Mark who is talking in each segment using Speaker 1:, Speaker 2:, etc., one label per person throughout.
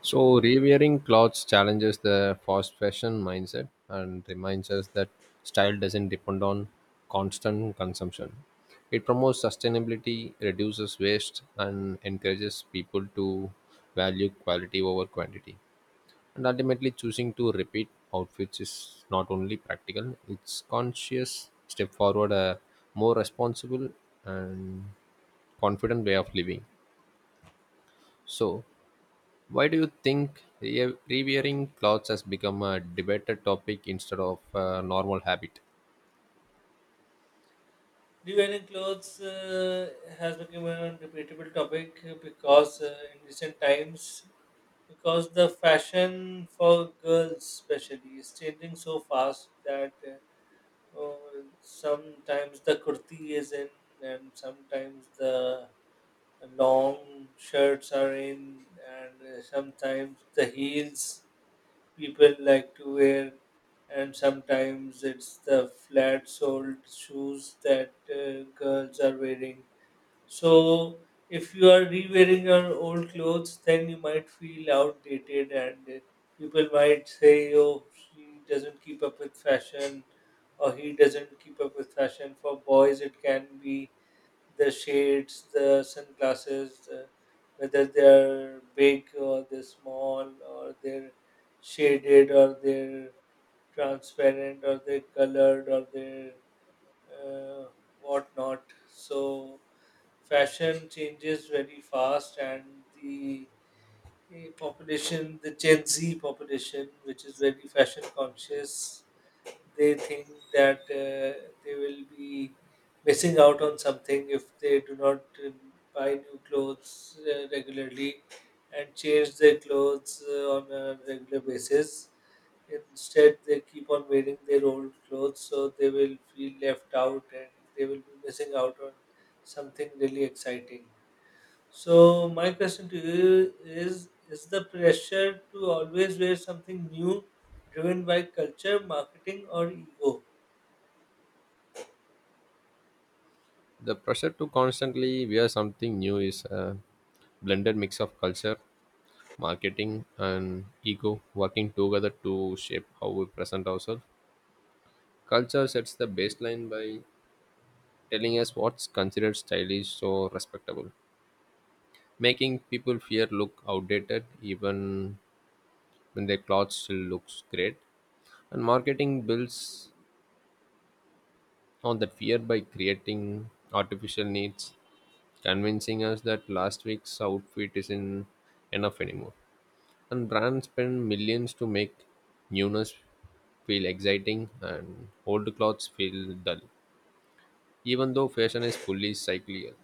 Speaker 1: So, rewearing clothes challenges the fast fashion mindset and reminds us that style doesn't depend on constant consumption. It promotes sustainability, reduces waste, and encourages people to value quality over quantity. And ultimately, choosing to repeat outfits is not only practical, it's conscious step forward, a more responsible and confident way of living. So, why do you think rewearing clothes has become a debated topic instead of a normal habit?
Speaker 2: Designing clothes has become a debatable topic because in recent times, because the fashion for girls especially is changing so fast that uh, uh, sometimes the kurti is in, and sometimes the long shirts are in, and sometimes the heels people like to wear, and sometimes it's the flat soled shoes that girls are wearing. So, if you are re wearing your old clothes, then you might feel outdated, and people might say, "Oh, she doesn't keep up with fashion, or he doesn't keep up with fashion." For boys, it can be the shades, the sunglasses, whether they are big, or they're small, or they're shaded, or they're transparent, or they're colored, or they're uh, whatnot. So fashion changes very fast, and the population, the Gen Z population, which is very fashion conscious, they think that they will be missing out on something if they do not buy new clothes regularly and change their clothes on a regular basis. Instead, they keep on wearing their old clothes, so they will feel left out and they will be missing out on something really exciting. So, my question to you is: is the pressure to always wear something new driven by culture, marketing, or ego?
Speaker 1: The pressure to constantly wear something new is a blended mix of culture, marketing, and ego working together to shape how we present ourselves. Culture sets the baseline by telling us what's considered stylish or respectable, making people fear look outdated even when their clothes still looks great, and marketing builds on that fear by creating artificial needs, convincing us that last week's outfit isn't enough anymore. And brands spend millions to make newness feel exciting and old clothes feel dull, even though fashion is fully cyclical.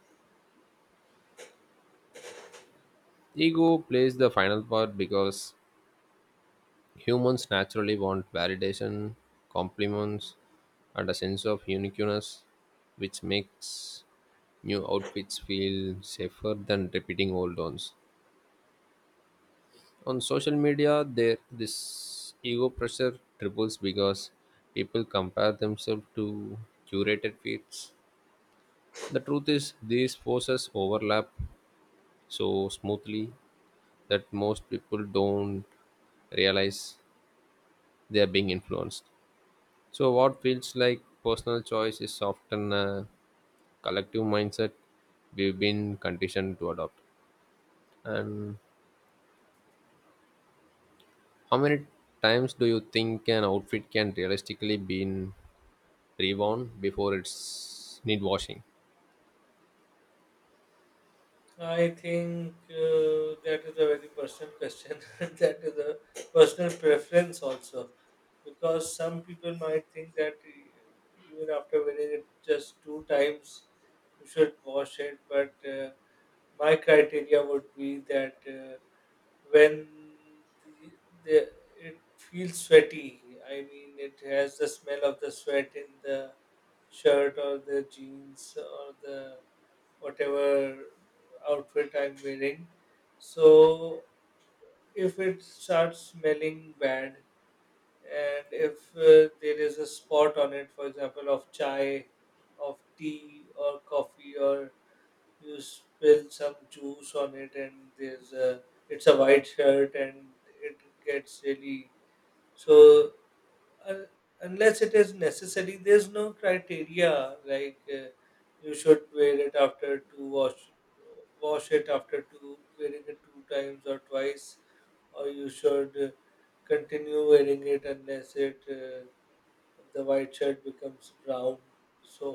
Speaker 1: Ego plays the final part because humans naturally want validation, compliments, and a sense of uniqueness, which makes new outfits feel safer than repeating old ones. On social media, there this ego pressure triples because people compare themselves to curated feeds. The truth is, these forces overlap so smoothly that most people don't realize they are being influenced. So, what feels like personal choice is often a collective mindset we've been conditioned to adopt. And how many times do you think an outfit can realistically be in reworn before it's need washing?
Speaker 2: I think that is a very personal question. That is a personal preference also, because some people might think that even after winning it just 2 times, you should wash it. But my criteria would be that when the it feels sweaty. I mean, it has the smell of the sweat in the shirt, or the jeans, or the whatever outfit I'm wearing. So if it starts smelling bad, and if there is a spot on it, for example, of chai, of tea, or coffee, or you spill some juice on it, and there's a it's a white shirt, and it gets really— so— un- unless it is necessary, there's no criteria like, you should wear it after two wash— wash it after two wearing it 2 times or twice, or you should continue wearing it unless it the white shirt becomes brown. So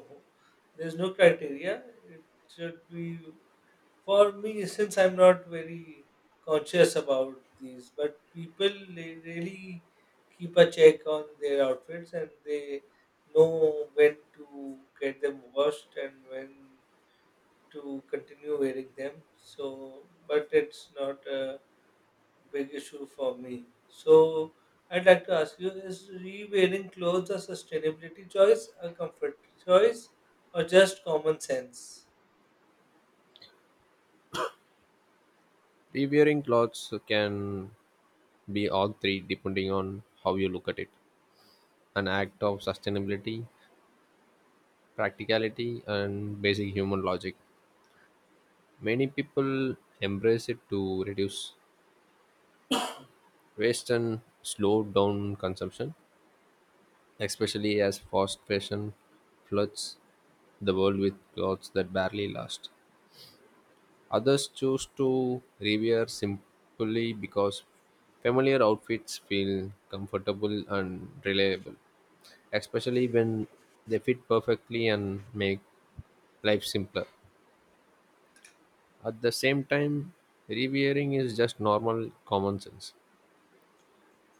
Speaker 2: there's no criteria, it should be— for me, since I'm not very conscious about these. But people, they really keep a check on their outfits and they know when to get them washed and when to continue wearing them. So, but it's not a big issue for me. So, I'd like to ask you: is re-wearing clothes a sustainability choice, a comfort choice, or just common sense?
Speaker 1: Re-wearing clothes can be all three depending on how you look at it. An act of sustainability, practicality, and basic human logic. Many people embrace it to reduce Western slow down consumption, especially as fast fashion floods the world with clothes that barely last. Others choose to rewear simply because familiar outfits feel comfortable and reliable, especially when they fit perfectly and make life simpler. At the same time, rewearing is just normal common sense.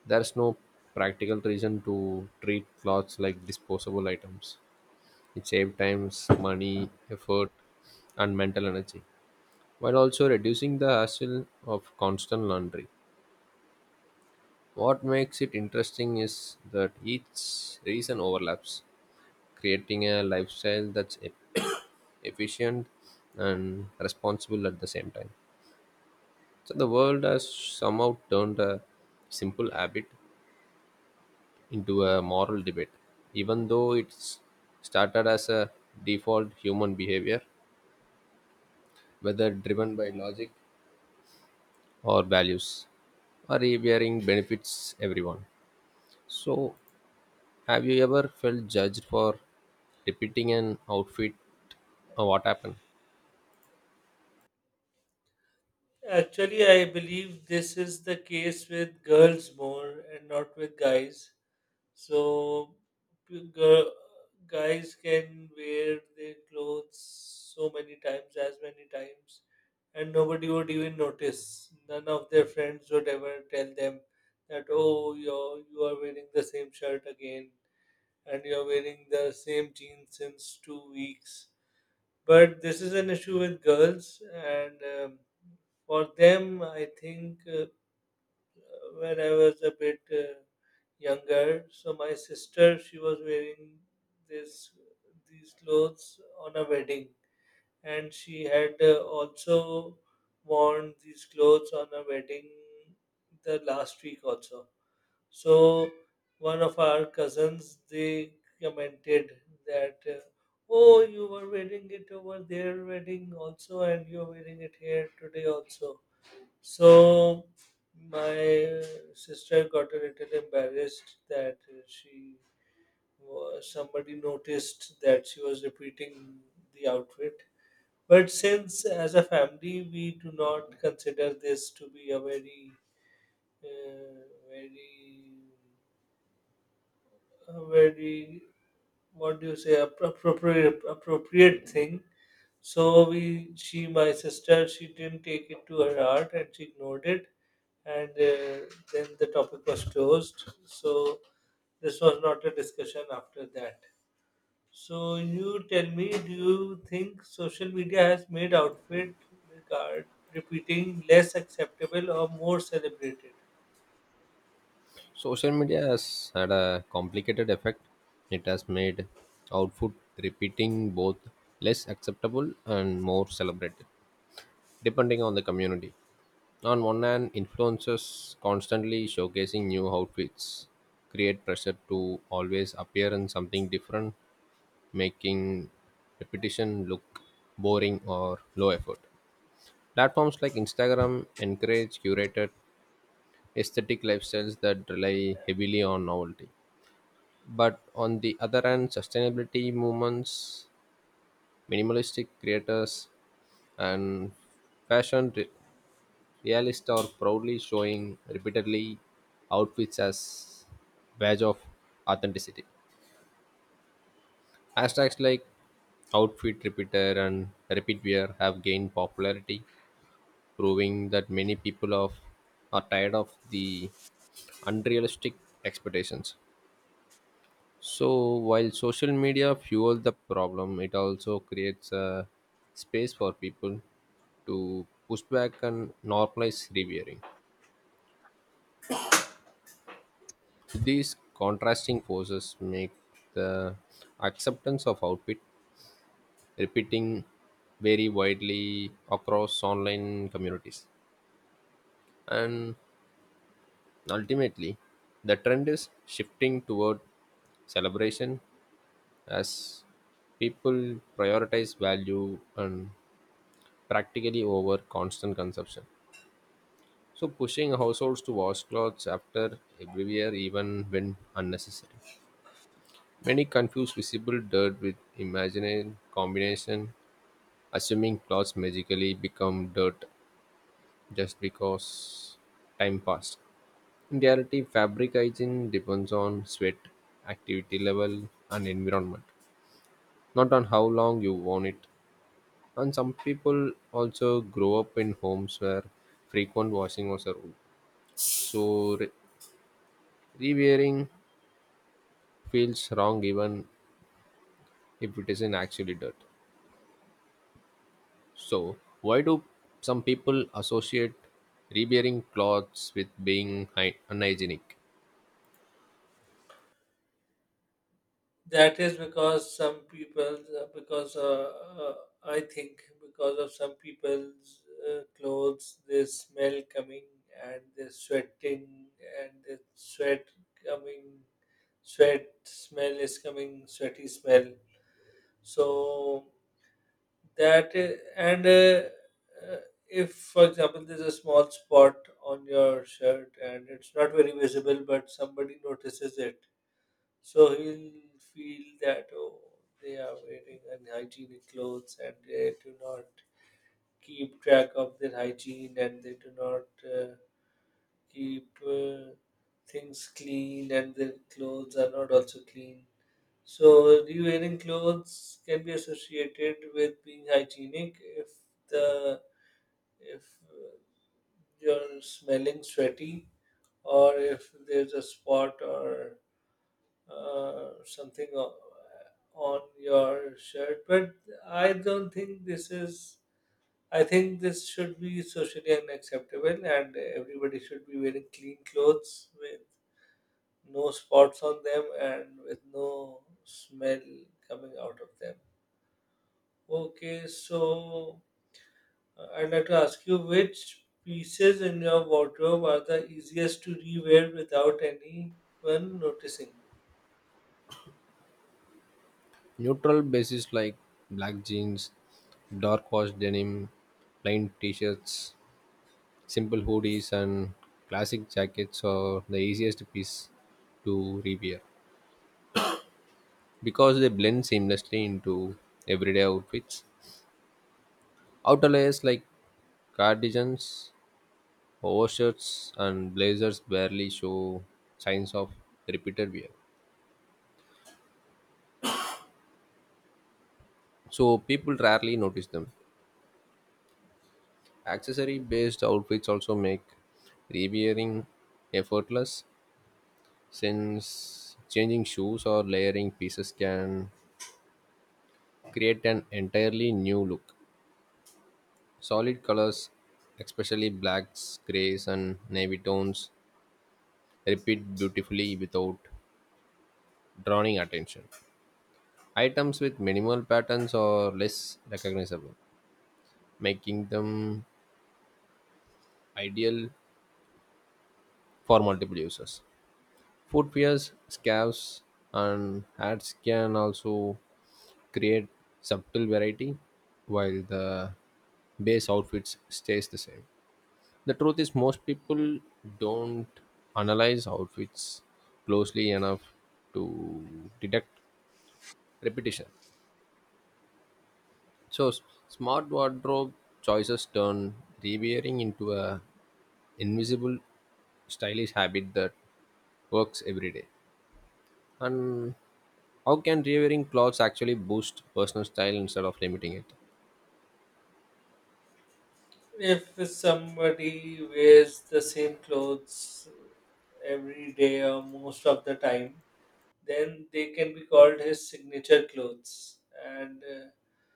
Speaker 1: There's no practical reason to treat clothes like disposable items. It saves time, money, effort, and mental energy, while also reducing the hassle of constant laundry. What makes it interesting is that each reason overlaps, creating a lifestyle that's efficient and responsible at the same time. So the world has somehow turned a simple habit into a moral debate. Even though it's started as a default human behavior, whether driven by logic or values, or revering benefits everyone. So, have you ever felt judged for repeating an outfit or what happened?
Speaker 2: Actually, I believe this is the case with girls more and not with guys. So, p- gir- guys can wear their clothes so many times, as many times, and nobody would even notice. None of their friends would ever tell them that, "Oh, you are wearing the same shirt again, and you're wearing the same jeans since 2 weeks." But this is an issue with girls, and for them, I think, when I was a bit younger, so my sister, she was wearing this these clothes on a wedding, and she had also worn these clothes on a wedding the last week also. So one of our cousins, they commented that, "Oh, you were wearing it over their wedding also, and you're wearing it here today also." So my sister got a little embarrassed that she somebody noticed that she was repeating the outfit. But since as a family we do not consider this to be a uh, very very— what do you say— appropriate thing. So we she my sister, she didn't take it to her heart and she ignored it, and then the topic was closed. So this was not a discussion after that. So you tell me, do you think social media has made outfit— regard repeating less acceptable or more celebrated?
Speaker 1: Social media has had a complicated effect. It has made outfit repeating both less acceptable and more celebrated, depending on the community. On one hand, influencers constantly showcasing new outfits create pressure to always appear in something different, making repetition look boring or low effort. Platforms like Instagram encourage curated aesthetic lifestyles that rely heavily on novelty. But on the other hand, sustainability movements, minimalistic creators, and fashion re- realists are proudly showing repeatedly outfits as badge of authenticity. Hashtags like outfit repeater and repeat wear have gained popularity, proving that many people of, are tired of the unrealistic expectations. So while social media fuels the problem, it also creates a space for people to push back and normalize rewearing. So, these contrasting forces make the acceptance of outfit repeating very widely across online communities. And ultimately, the trend is shifting toward celebration as people prioritize value and practically over constant consumption. So, pushing households to wash clothes after every wear, even when unnecessary. Many confuse visible dirt with imaginary combination, assuming clothes magically become dirt just because time passed. In reality, fabric hygiene depends on sweat, activity level, and environment, not on how long you worn it. And some people also grow up in homes where frequent washing was a rule. So rewearing feels wrong even if it isn't actually dirt. So, why do some people associate rebearing clothes with being unhygienic?
Speaker 2: That is because some people, because uh, I think because of some people's clothes, they smell coming, and they're sweating, and coming, sweat smell is coming, sweaty smell. So that is, and uh, if, for example, there's a small spot on your shirt and it's not very visible, but somebody notices it, so he'll feel that, "Oh, they are wearing unhygienic clothes, and they do not keep track of their hygiene, and they do not keep things clean, and their clothes are not also clean." So re-wearing clothes can be associated with being hygienic if the if uh, you're smelling sweaty, or if there's a spot, or something on your shirt. But I don't think this is— I think this should be socially unacceptable, and everybody should be wearing clean clothes with no spots on them and with no smell coming out of them. Okay, so I'd like to ask you, which pieces in your wardrobe are the easiest to rewear without anyone noticing?
Speaker 1: Neutral bases like black jeans, dark wash denim, plain t shirts, simple hoodies, and classic jackets are the easiest piece to repair because they blend seamlessly into everyday outfits. Outer layers like cardigans, overshirts, and blazers barely show signs of repeated wear, so people rarely notice them. Accessory based outfits also make rewearing effortless since changing shoes or layering pieces can create an entirely new look. Solid colors, especially blacks, grays, and navy tones, repeat beautifully without drawing attention. Items with minimal patterns are less recognizable, making them ideal for multiple users. Footwears, scarves, and hats can also create subtle variety while the base outfits stays the same. The truth is most people don't analyze outfits closely enough to detect repetition. So smart wardrobe choices turn rewearing into a invisible stylish habit that works every day. And how can rewearing clothes actually boost personal style instead of limiting it?
Speaker 2: If somebody wears the same clothes every day or most of the time, then they can be called his signature clothes, and uh,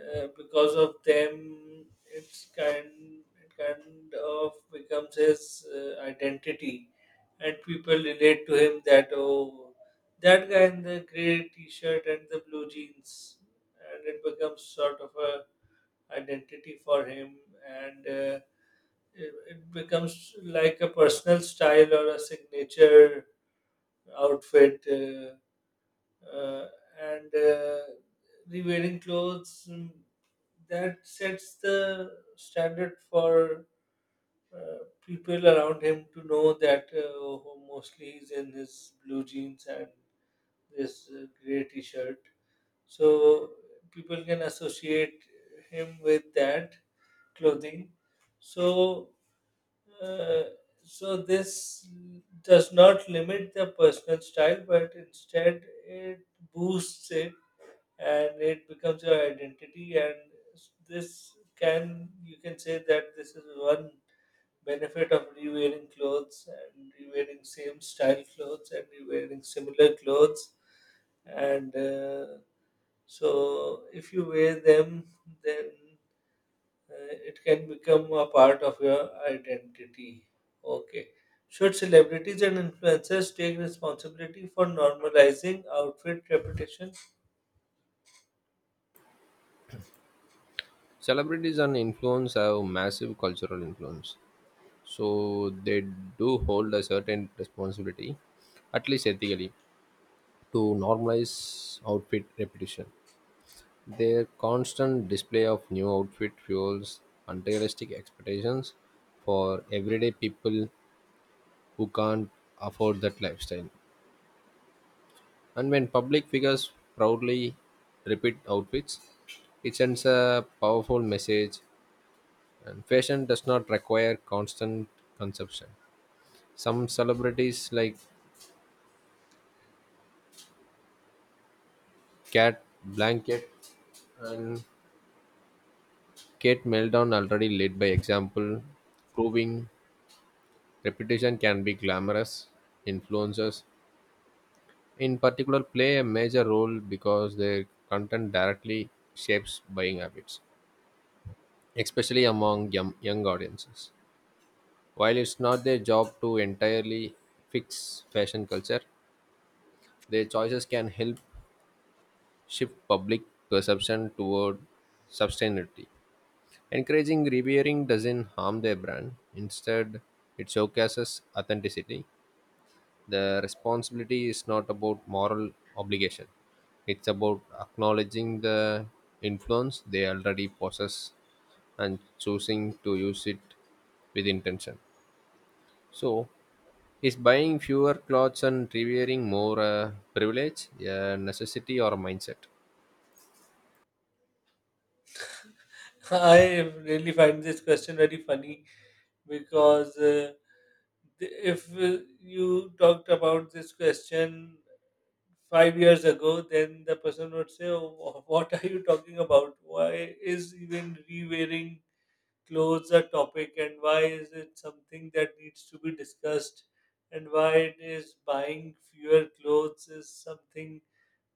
Speaker 2: uh, because of them, it kind of becomes his identity, and people relate to him that, "Oh, that guy in the grey T-shirt and the blue jeans," and it becomes sort of a identity for him, and— It it becomes like a personal style or a signature outfit, uh, and the wearing clothes— that sets the standard for uh, people around him to know that, "Oh, mostly he's in his blue jeans and this gray t-shirt." So people can associate him with that clothing. So Uh, this does not limit the personal style, but instead it boosts it, and it becomes your identity. And this can you can say that this is one benefit of rewearing clothes, and rewearing same style clothes, and rewearing similar clothes. And so if you wear them, then it can become a part of your identity. Okay. Should celebrities and influencers take responsibility for normalizing outfit reputation?
Speaker 1: Celebrities and influence have massive cultural influence, so they do hold a certain responsibility, at least ethically, to normalize outfit repetition. Their constant display of new outfit fuels unrealistic expectations for everyday people who can't afford that lifestyle. And when public figures proudly repeat outfits, it sends a powerful message. And fashion does not require constant consumption. Some celebrities like Cat Blanket and Kate Meldon already lead by example, proving repetition can be glamorous. Influencers, in particular, play a major role because their content directly shapes buying habits, especially among young audiences. While it's not their job to entirely fix fashion culture, their choices can help shift public perception toward sustainability. Encouraging rebearing doesn't harm their brand. Instead, it showcases authenticity. The responsibility is not about moral obligation. It's about acknowledging the influence they already possess and choosing to use it with intention. So, is buying fewer clothes and revering more a privilege, a necessity, or a mindset?
Speaker 2: I really find this question very funny, because if you talked about this question 5 years ago, then the person would say, "Oh, what are you talking about? Why is even re wearing close a topic, and why is it something that needs to be discussed, and why it is buying fewer clothes is something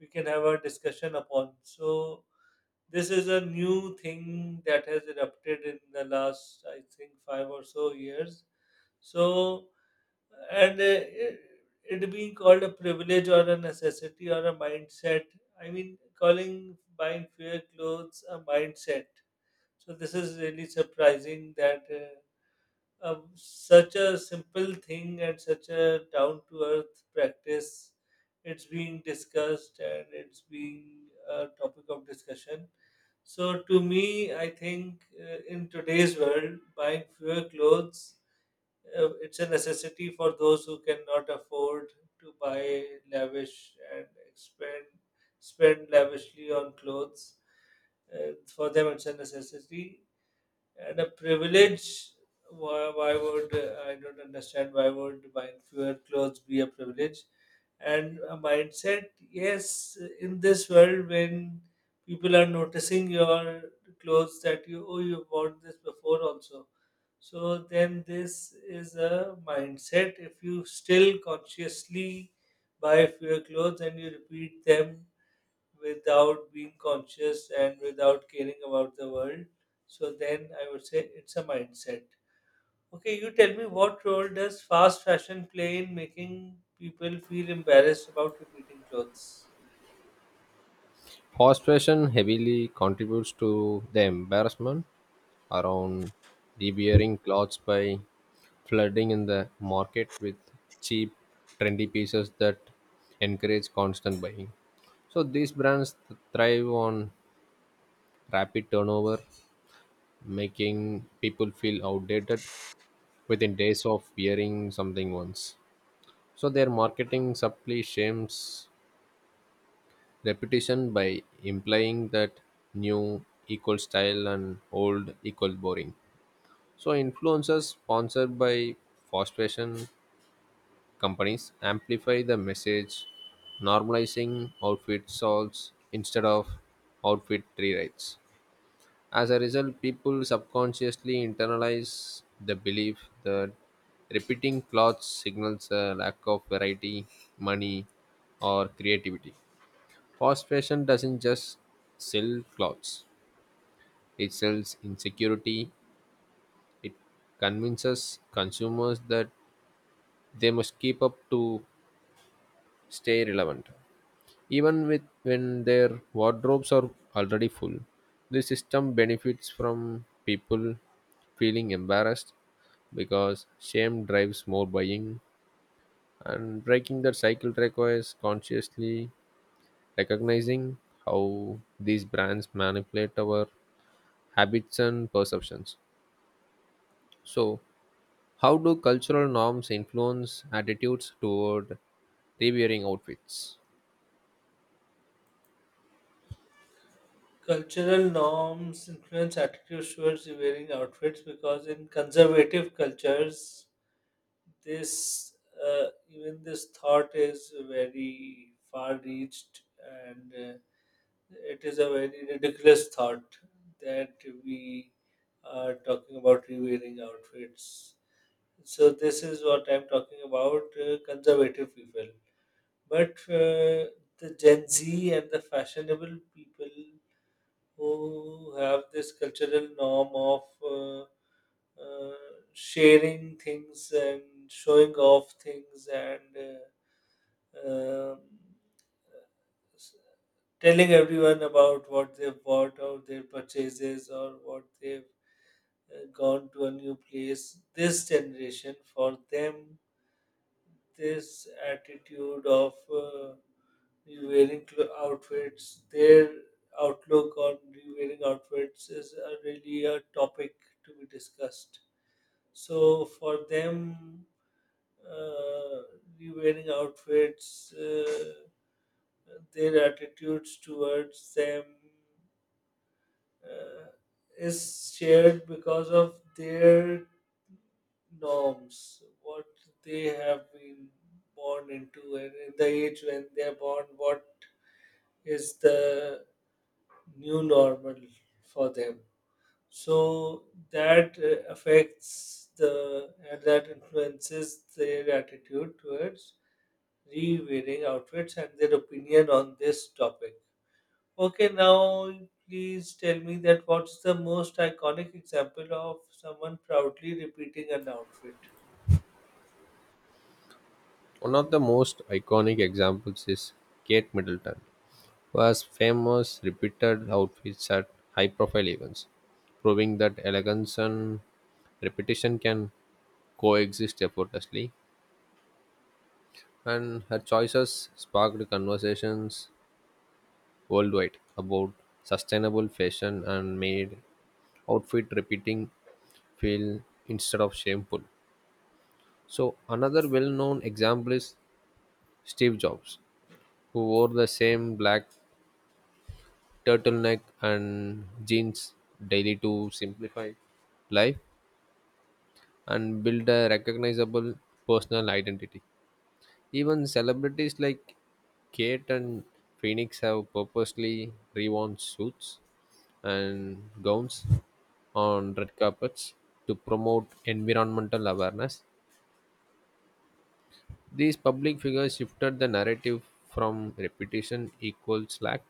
Speaker 2: we can have a discussion upon?" So this is a new thing that has erupted in the last, I think, 5 or so years. So, and it being called a privilege, or a necessity, or a mindset— I mean, calling buying fewer clothes a mindset— so this is really surprising that such a simple thing and such a down to earth practice, it's being discussed and it's being a topic of discussion. So to me, I think, in today's world, buying fewer clothes, it's a necessity for those who cannot afford to buy lavish and expend spend lavishly on clothes. For them, it's a necessity. And a privilege— why would I don't understand why would buying fewer clothes be a privilege. And a mindset, yes, in this world when people are noticing your clothes, that, you "oh, you bought this before also." So then this is a mindset, if you still consciously buy fewer clothes and you repeat them without being conscious and without caring about the world. So then I would say it's a mindset. Okay, you tell me, what role does fast fashion play in making people feel embarrassed about repeating clothes?
Speaker 1: Fast fashion heavily contributes to the embarrassment around revering clothes by flooding in the market with cheap, trendy pieces that encourage constant buying. So these brands thrive on rapid turnover, making people feel outdated within days of wearing something once. So their marketing subtly shames reputation by implying that new equal style and old equal boring. So influencers sponsored by fast fashion companies amplify the message, normalizing outfit salts instead of outfit rewrites. As a result, people subconsciously internalize the belief that repeating clothes signals a lack of variety, money, or creativity. Fast fashion doesn't just sell clothes, it sells insecurity. It convinces consumers that they must keep up to stay relevant. Even with when their wardrobes are already full, the system benefits from people feeling embarrassed because shame drives more buying, and breaking that cycle requires consciously recognizing how these brands manipulate our habits and perceptions. So, how do cultural norms influence attitudes toward rewearing outfits?
Speaker 2: Cultural norms influence attitudes towards wearing outfits because in conservative cultures, this even this thought is very far reached, and it is a very ridiculous thought that we are talking about rewearing outfits. So this is what I'm talking about, conservative people. But uh, the Gen Z and the fashionable people, who have this cultural norm of sharing things, and showing off things, and um, s- telling everyone about what they've bought, or their purchases, or what they've gone to a new place. This generation, for them, this attitude of wearing outfits— their outlook on wearing outfits is a really a topic to be discussed. So for them, uh, wearing outfits, their attitudes towards them uh, is shared because of their norms, what they have been born into, and in the age when they are born, what is the new normal for them. So that affects the and that influences their attitude towards re-wearing outfits and their opinion on this topic. Okay, now please tell me that, what's the most iconic example of someone proudly repeating an outfit?
Speaker 1: One of the most iconic examples is Kate Middleton, was famous repeated outfits at high profile events, proving that elegance and repetition can coexist effortlessly. And her choices sparked conversations worldwide about sustainable fashion and made outfit repeating feel instead of shameful. So, another well known example is Steve Jobs, who wore the same black turtleneck and jeans daily to simplify life and build a recognizable personal identity. Even celebrities like Kate and Phoenix have purposely reworn suits and gowns on red carpets to promote environmental awareness. These public figures shifted the narrative from reputation equals slack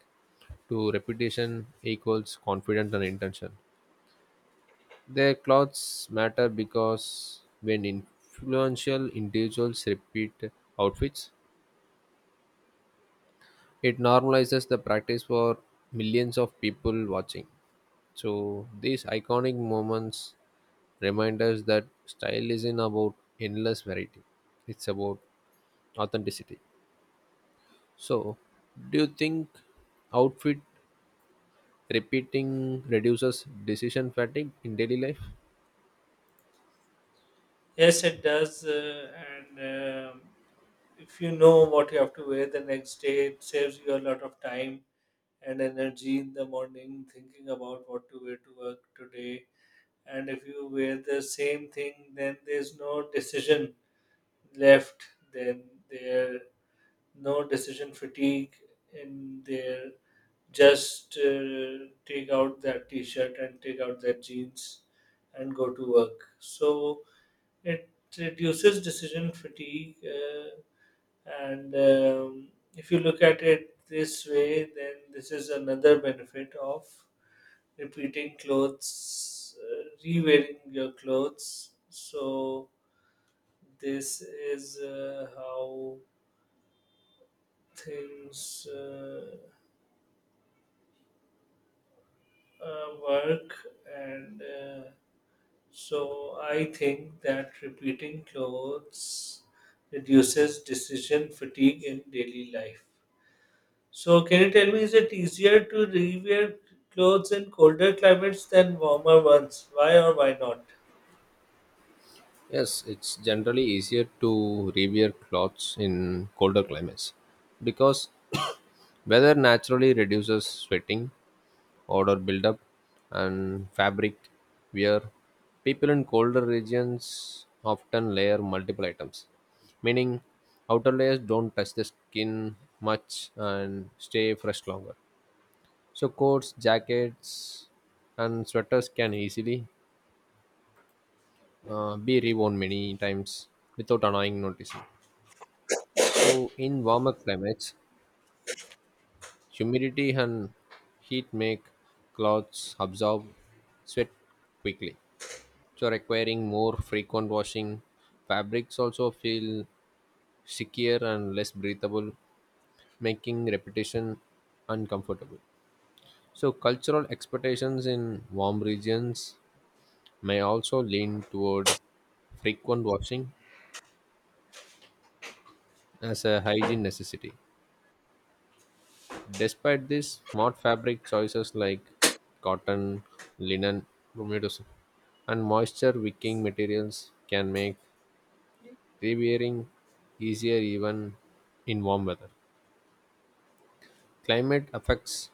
Speaker 1: to reputation equals confidence and intention. Their clothes matter because when influential individuals repeat outfits, it normalizes the practice for millions of people watching. So, these iconic moments remind us that style isn't about endless variety, it's about authenticity. So, do you think outfit repeating reduces decision fatigue in daily life?
Speaker 2: Yes, it does, and if you know what you have to wear the next day, it saves you a lot of time and energy in the morning thinking about what to wear to work today. And if you wear the same thing, then there's no decision left. Then there no decision fatigue, and there just— take out that t-shirt, and take out that jeans, and go to work. So it reduces decision fatigue, and if you look at it this way, then this is another benefit of repeating clothes, re-wearing your clothes. So this is how things work, and so I think that repeating clothes reduces decision fatigue in daily life. So can you tell me, is it easier to rewear clothes in colder climates than warmer ones? Why or why not?
Speaker 1: Yes, it's generally easier to rewear clothes in colder climates because weather naturally reduces sweating, odor buildup, and fabric wear. People in colder regions often layer multiple items, meaning outer layers don't touch the skin much and stay fresh longer. So, coats, jackets, and sweaters can easily be reworn many times without annoying noticing. So, in warmer climates, humidity and heat make clothes absorb sweat quickly. So, requiring more frequent washing, fabrics also feel stickier and less breathable, making repetition uncomfortable. So, cultural expectations in warm regions may also lean toward frequent washing as a hygiene necessity. Despite this, smart fabric choices like cotton, linen, humidus- and moisture wicking materials can make rewearing easier even in warm weather. Climate affects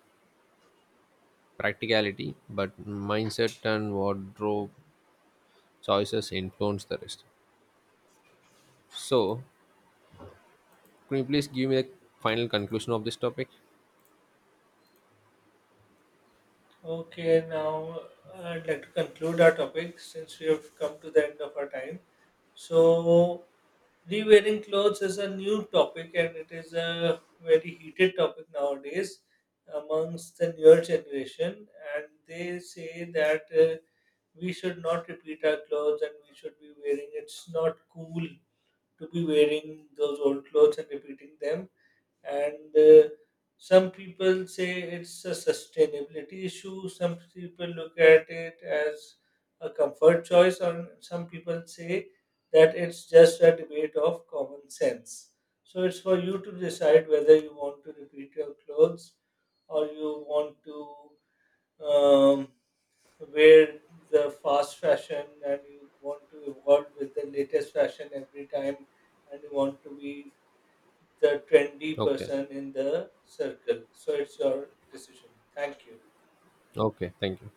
Speaker 1: practicality, but mindset and wardrobe choices influence the rest. So, can you please give me a final conclusion of this topic?
Speaker 2: Okay, now I'd like to conclude our topic since we have come to the end of our time. So, re-wearing clothes is a new topic and it is a very heated topic nowadays amongst the newer generation. And they say that we should not repeat our clothes, and we should be wearing it's not cool to be wearing those old clothes and repeating them. And some people say it's a sustainability issue, some people look at it as a comfort choice, and some people say that it's just a debate of common sense. So it's for you to decide whether you want to repeat your clothes, or you want to um, wear the fast fashion and you want to evolve with the latest fashion every time and you want to be the trendy
Speaker 1: Okay.
Speaker 2: person in the circle. So it's your decision. Thank you.
Speaker 1: Okay. Thank you.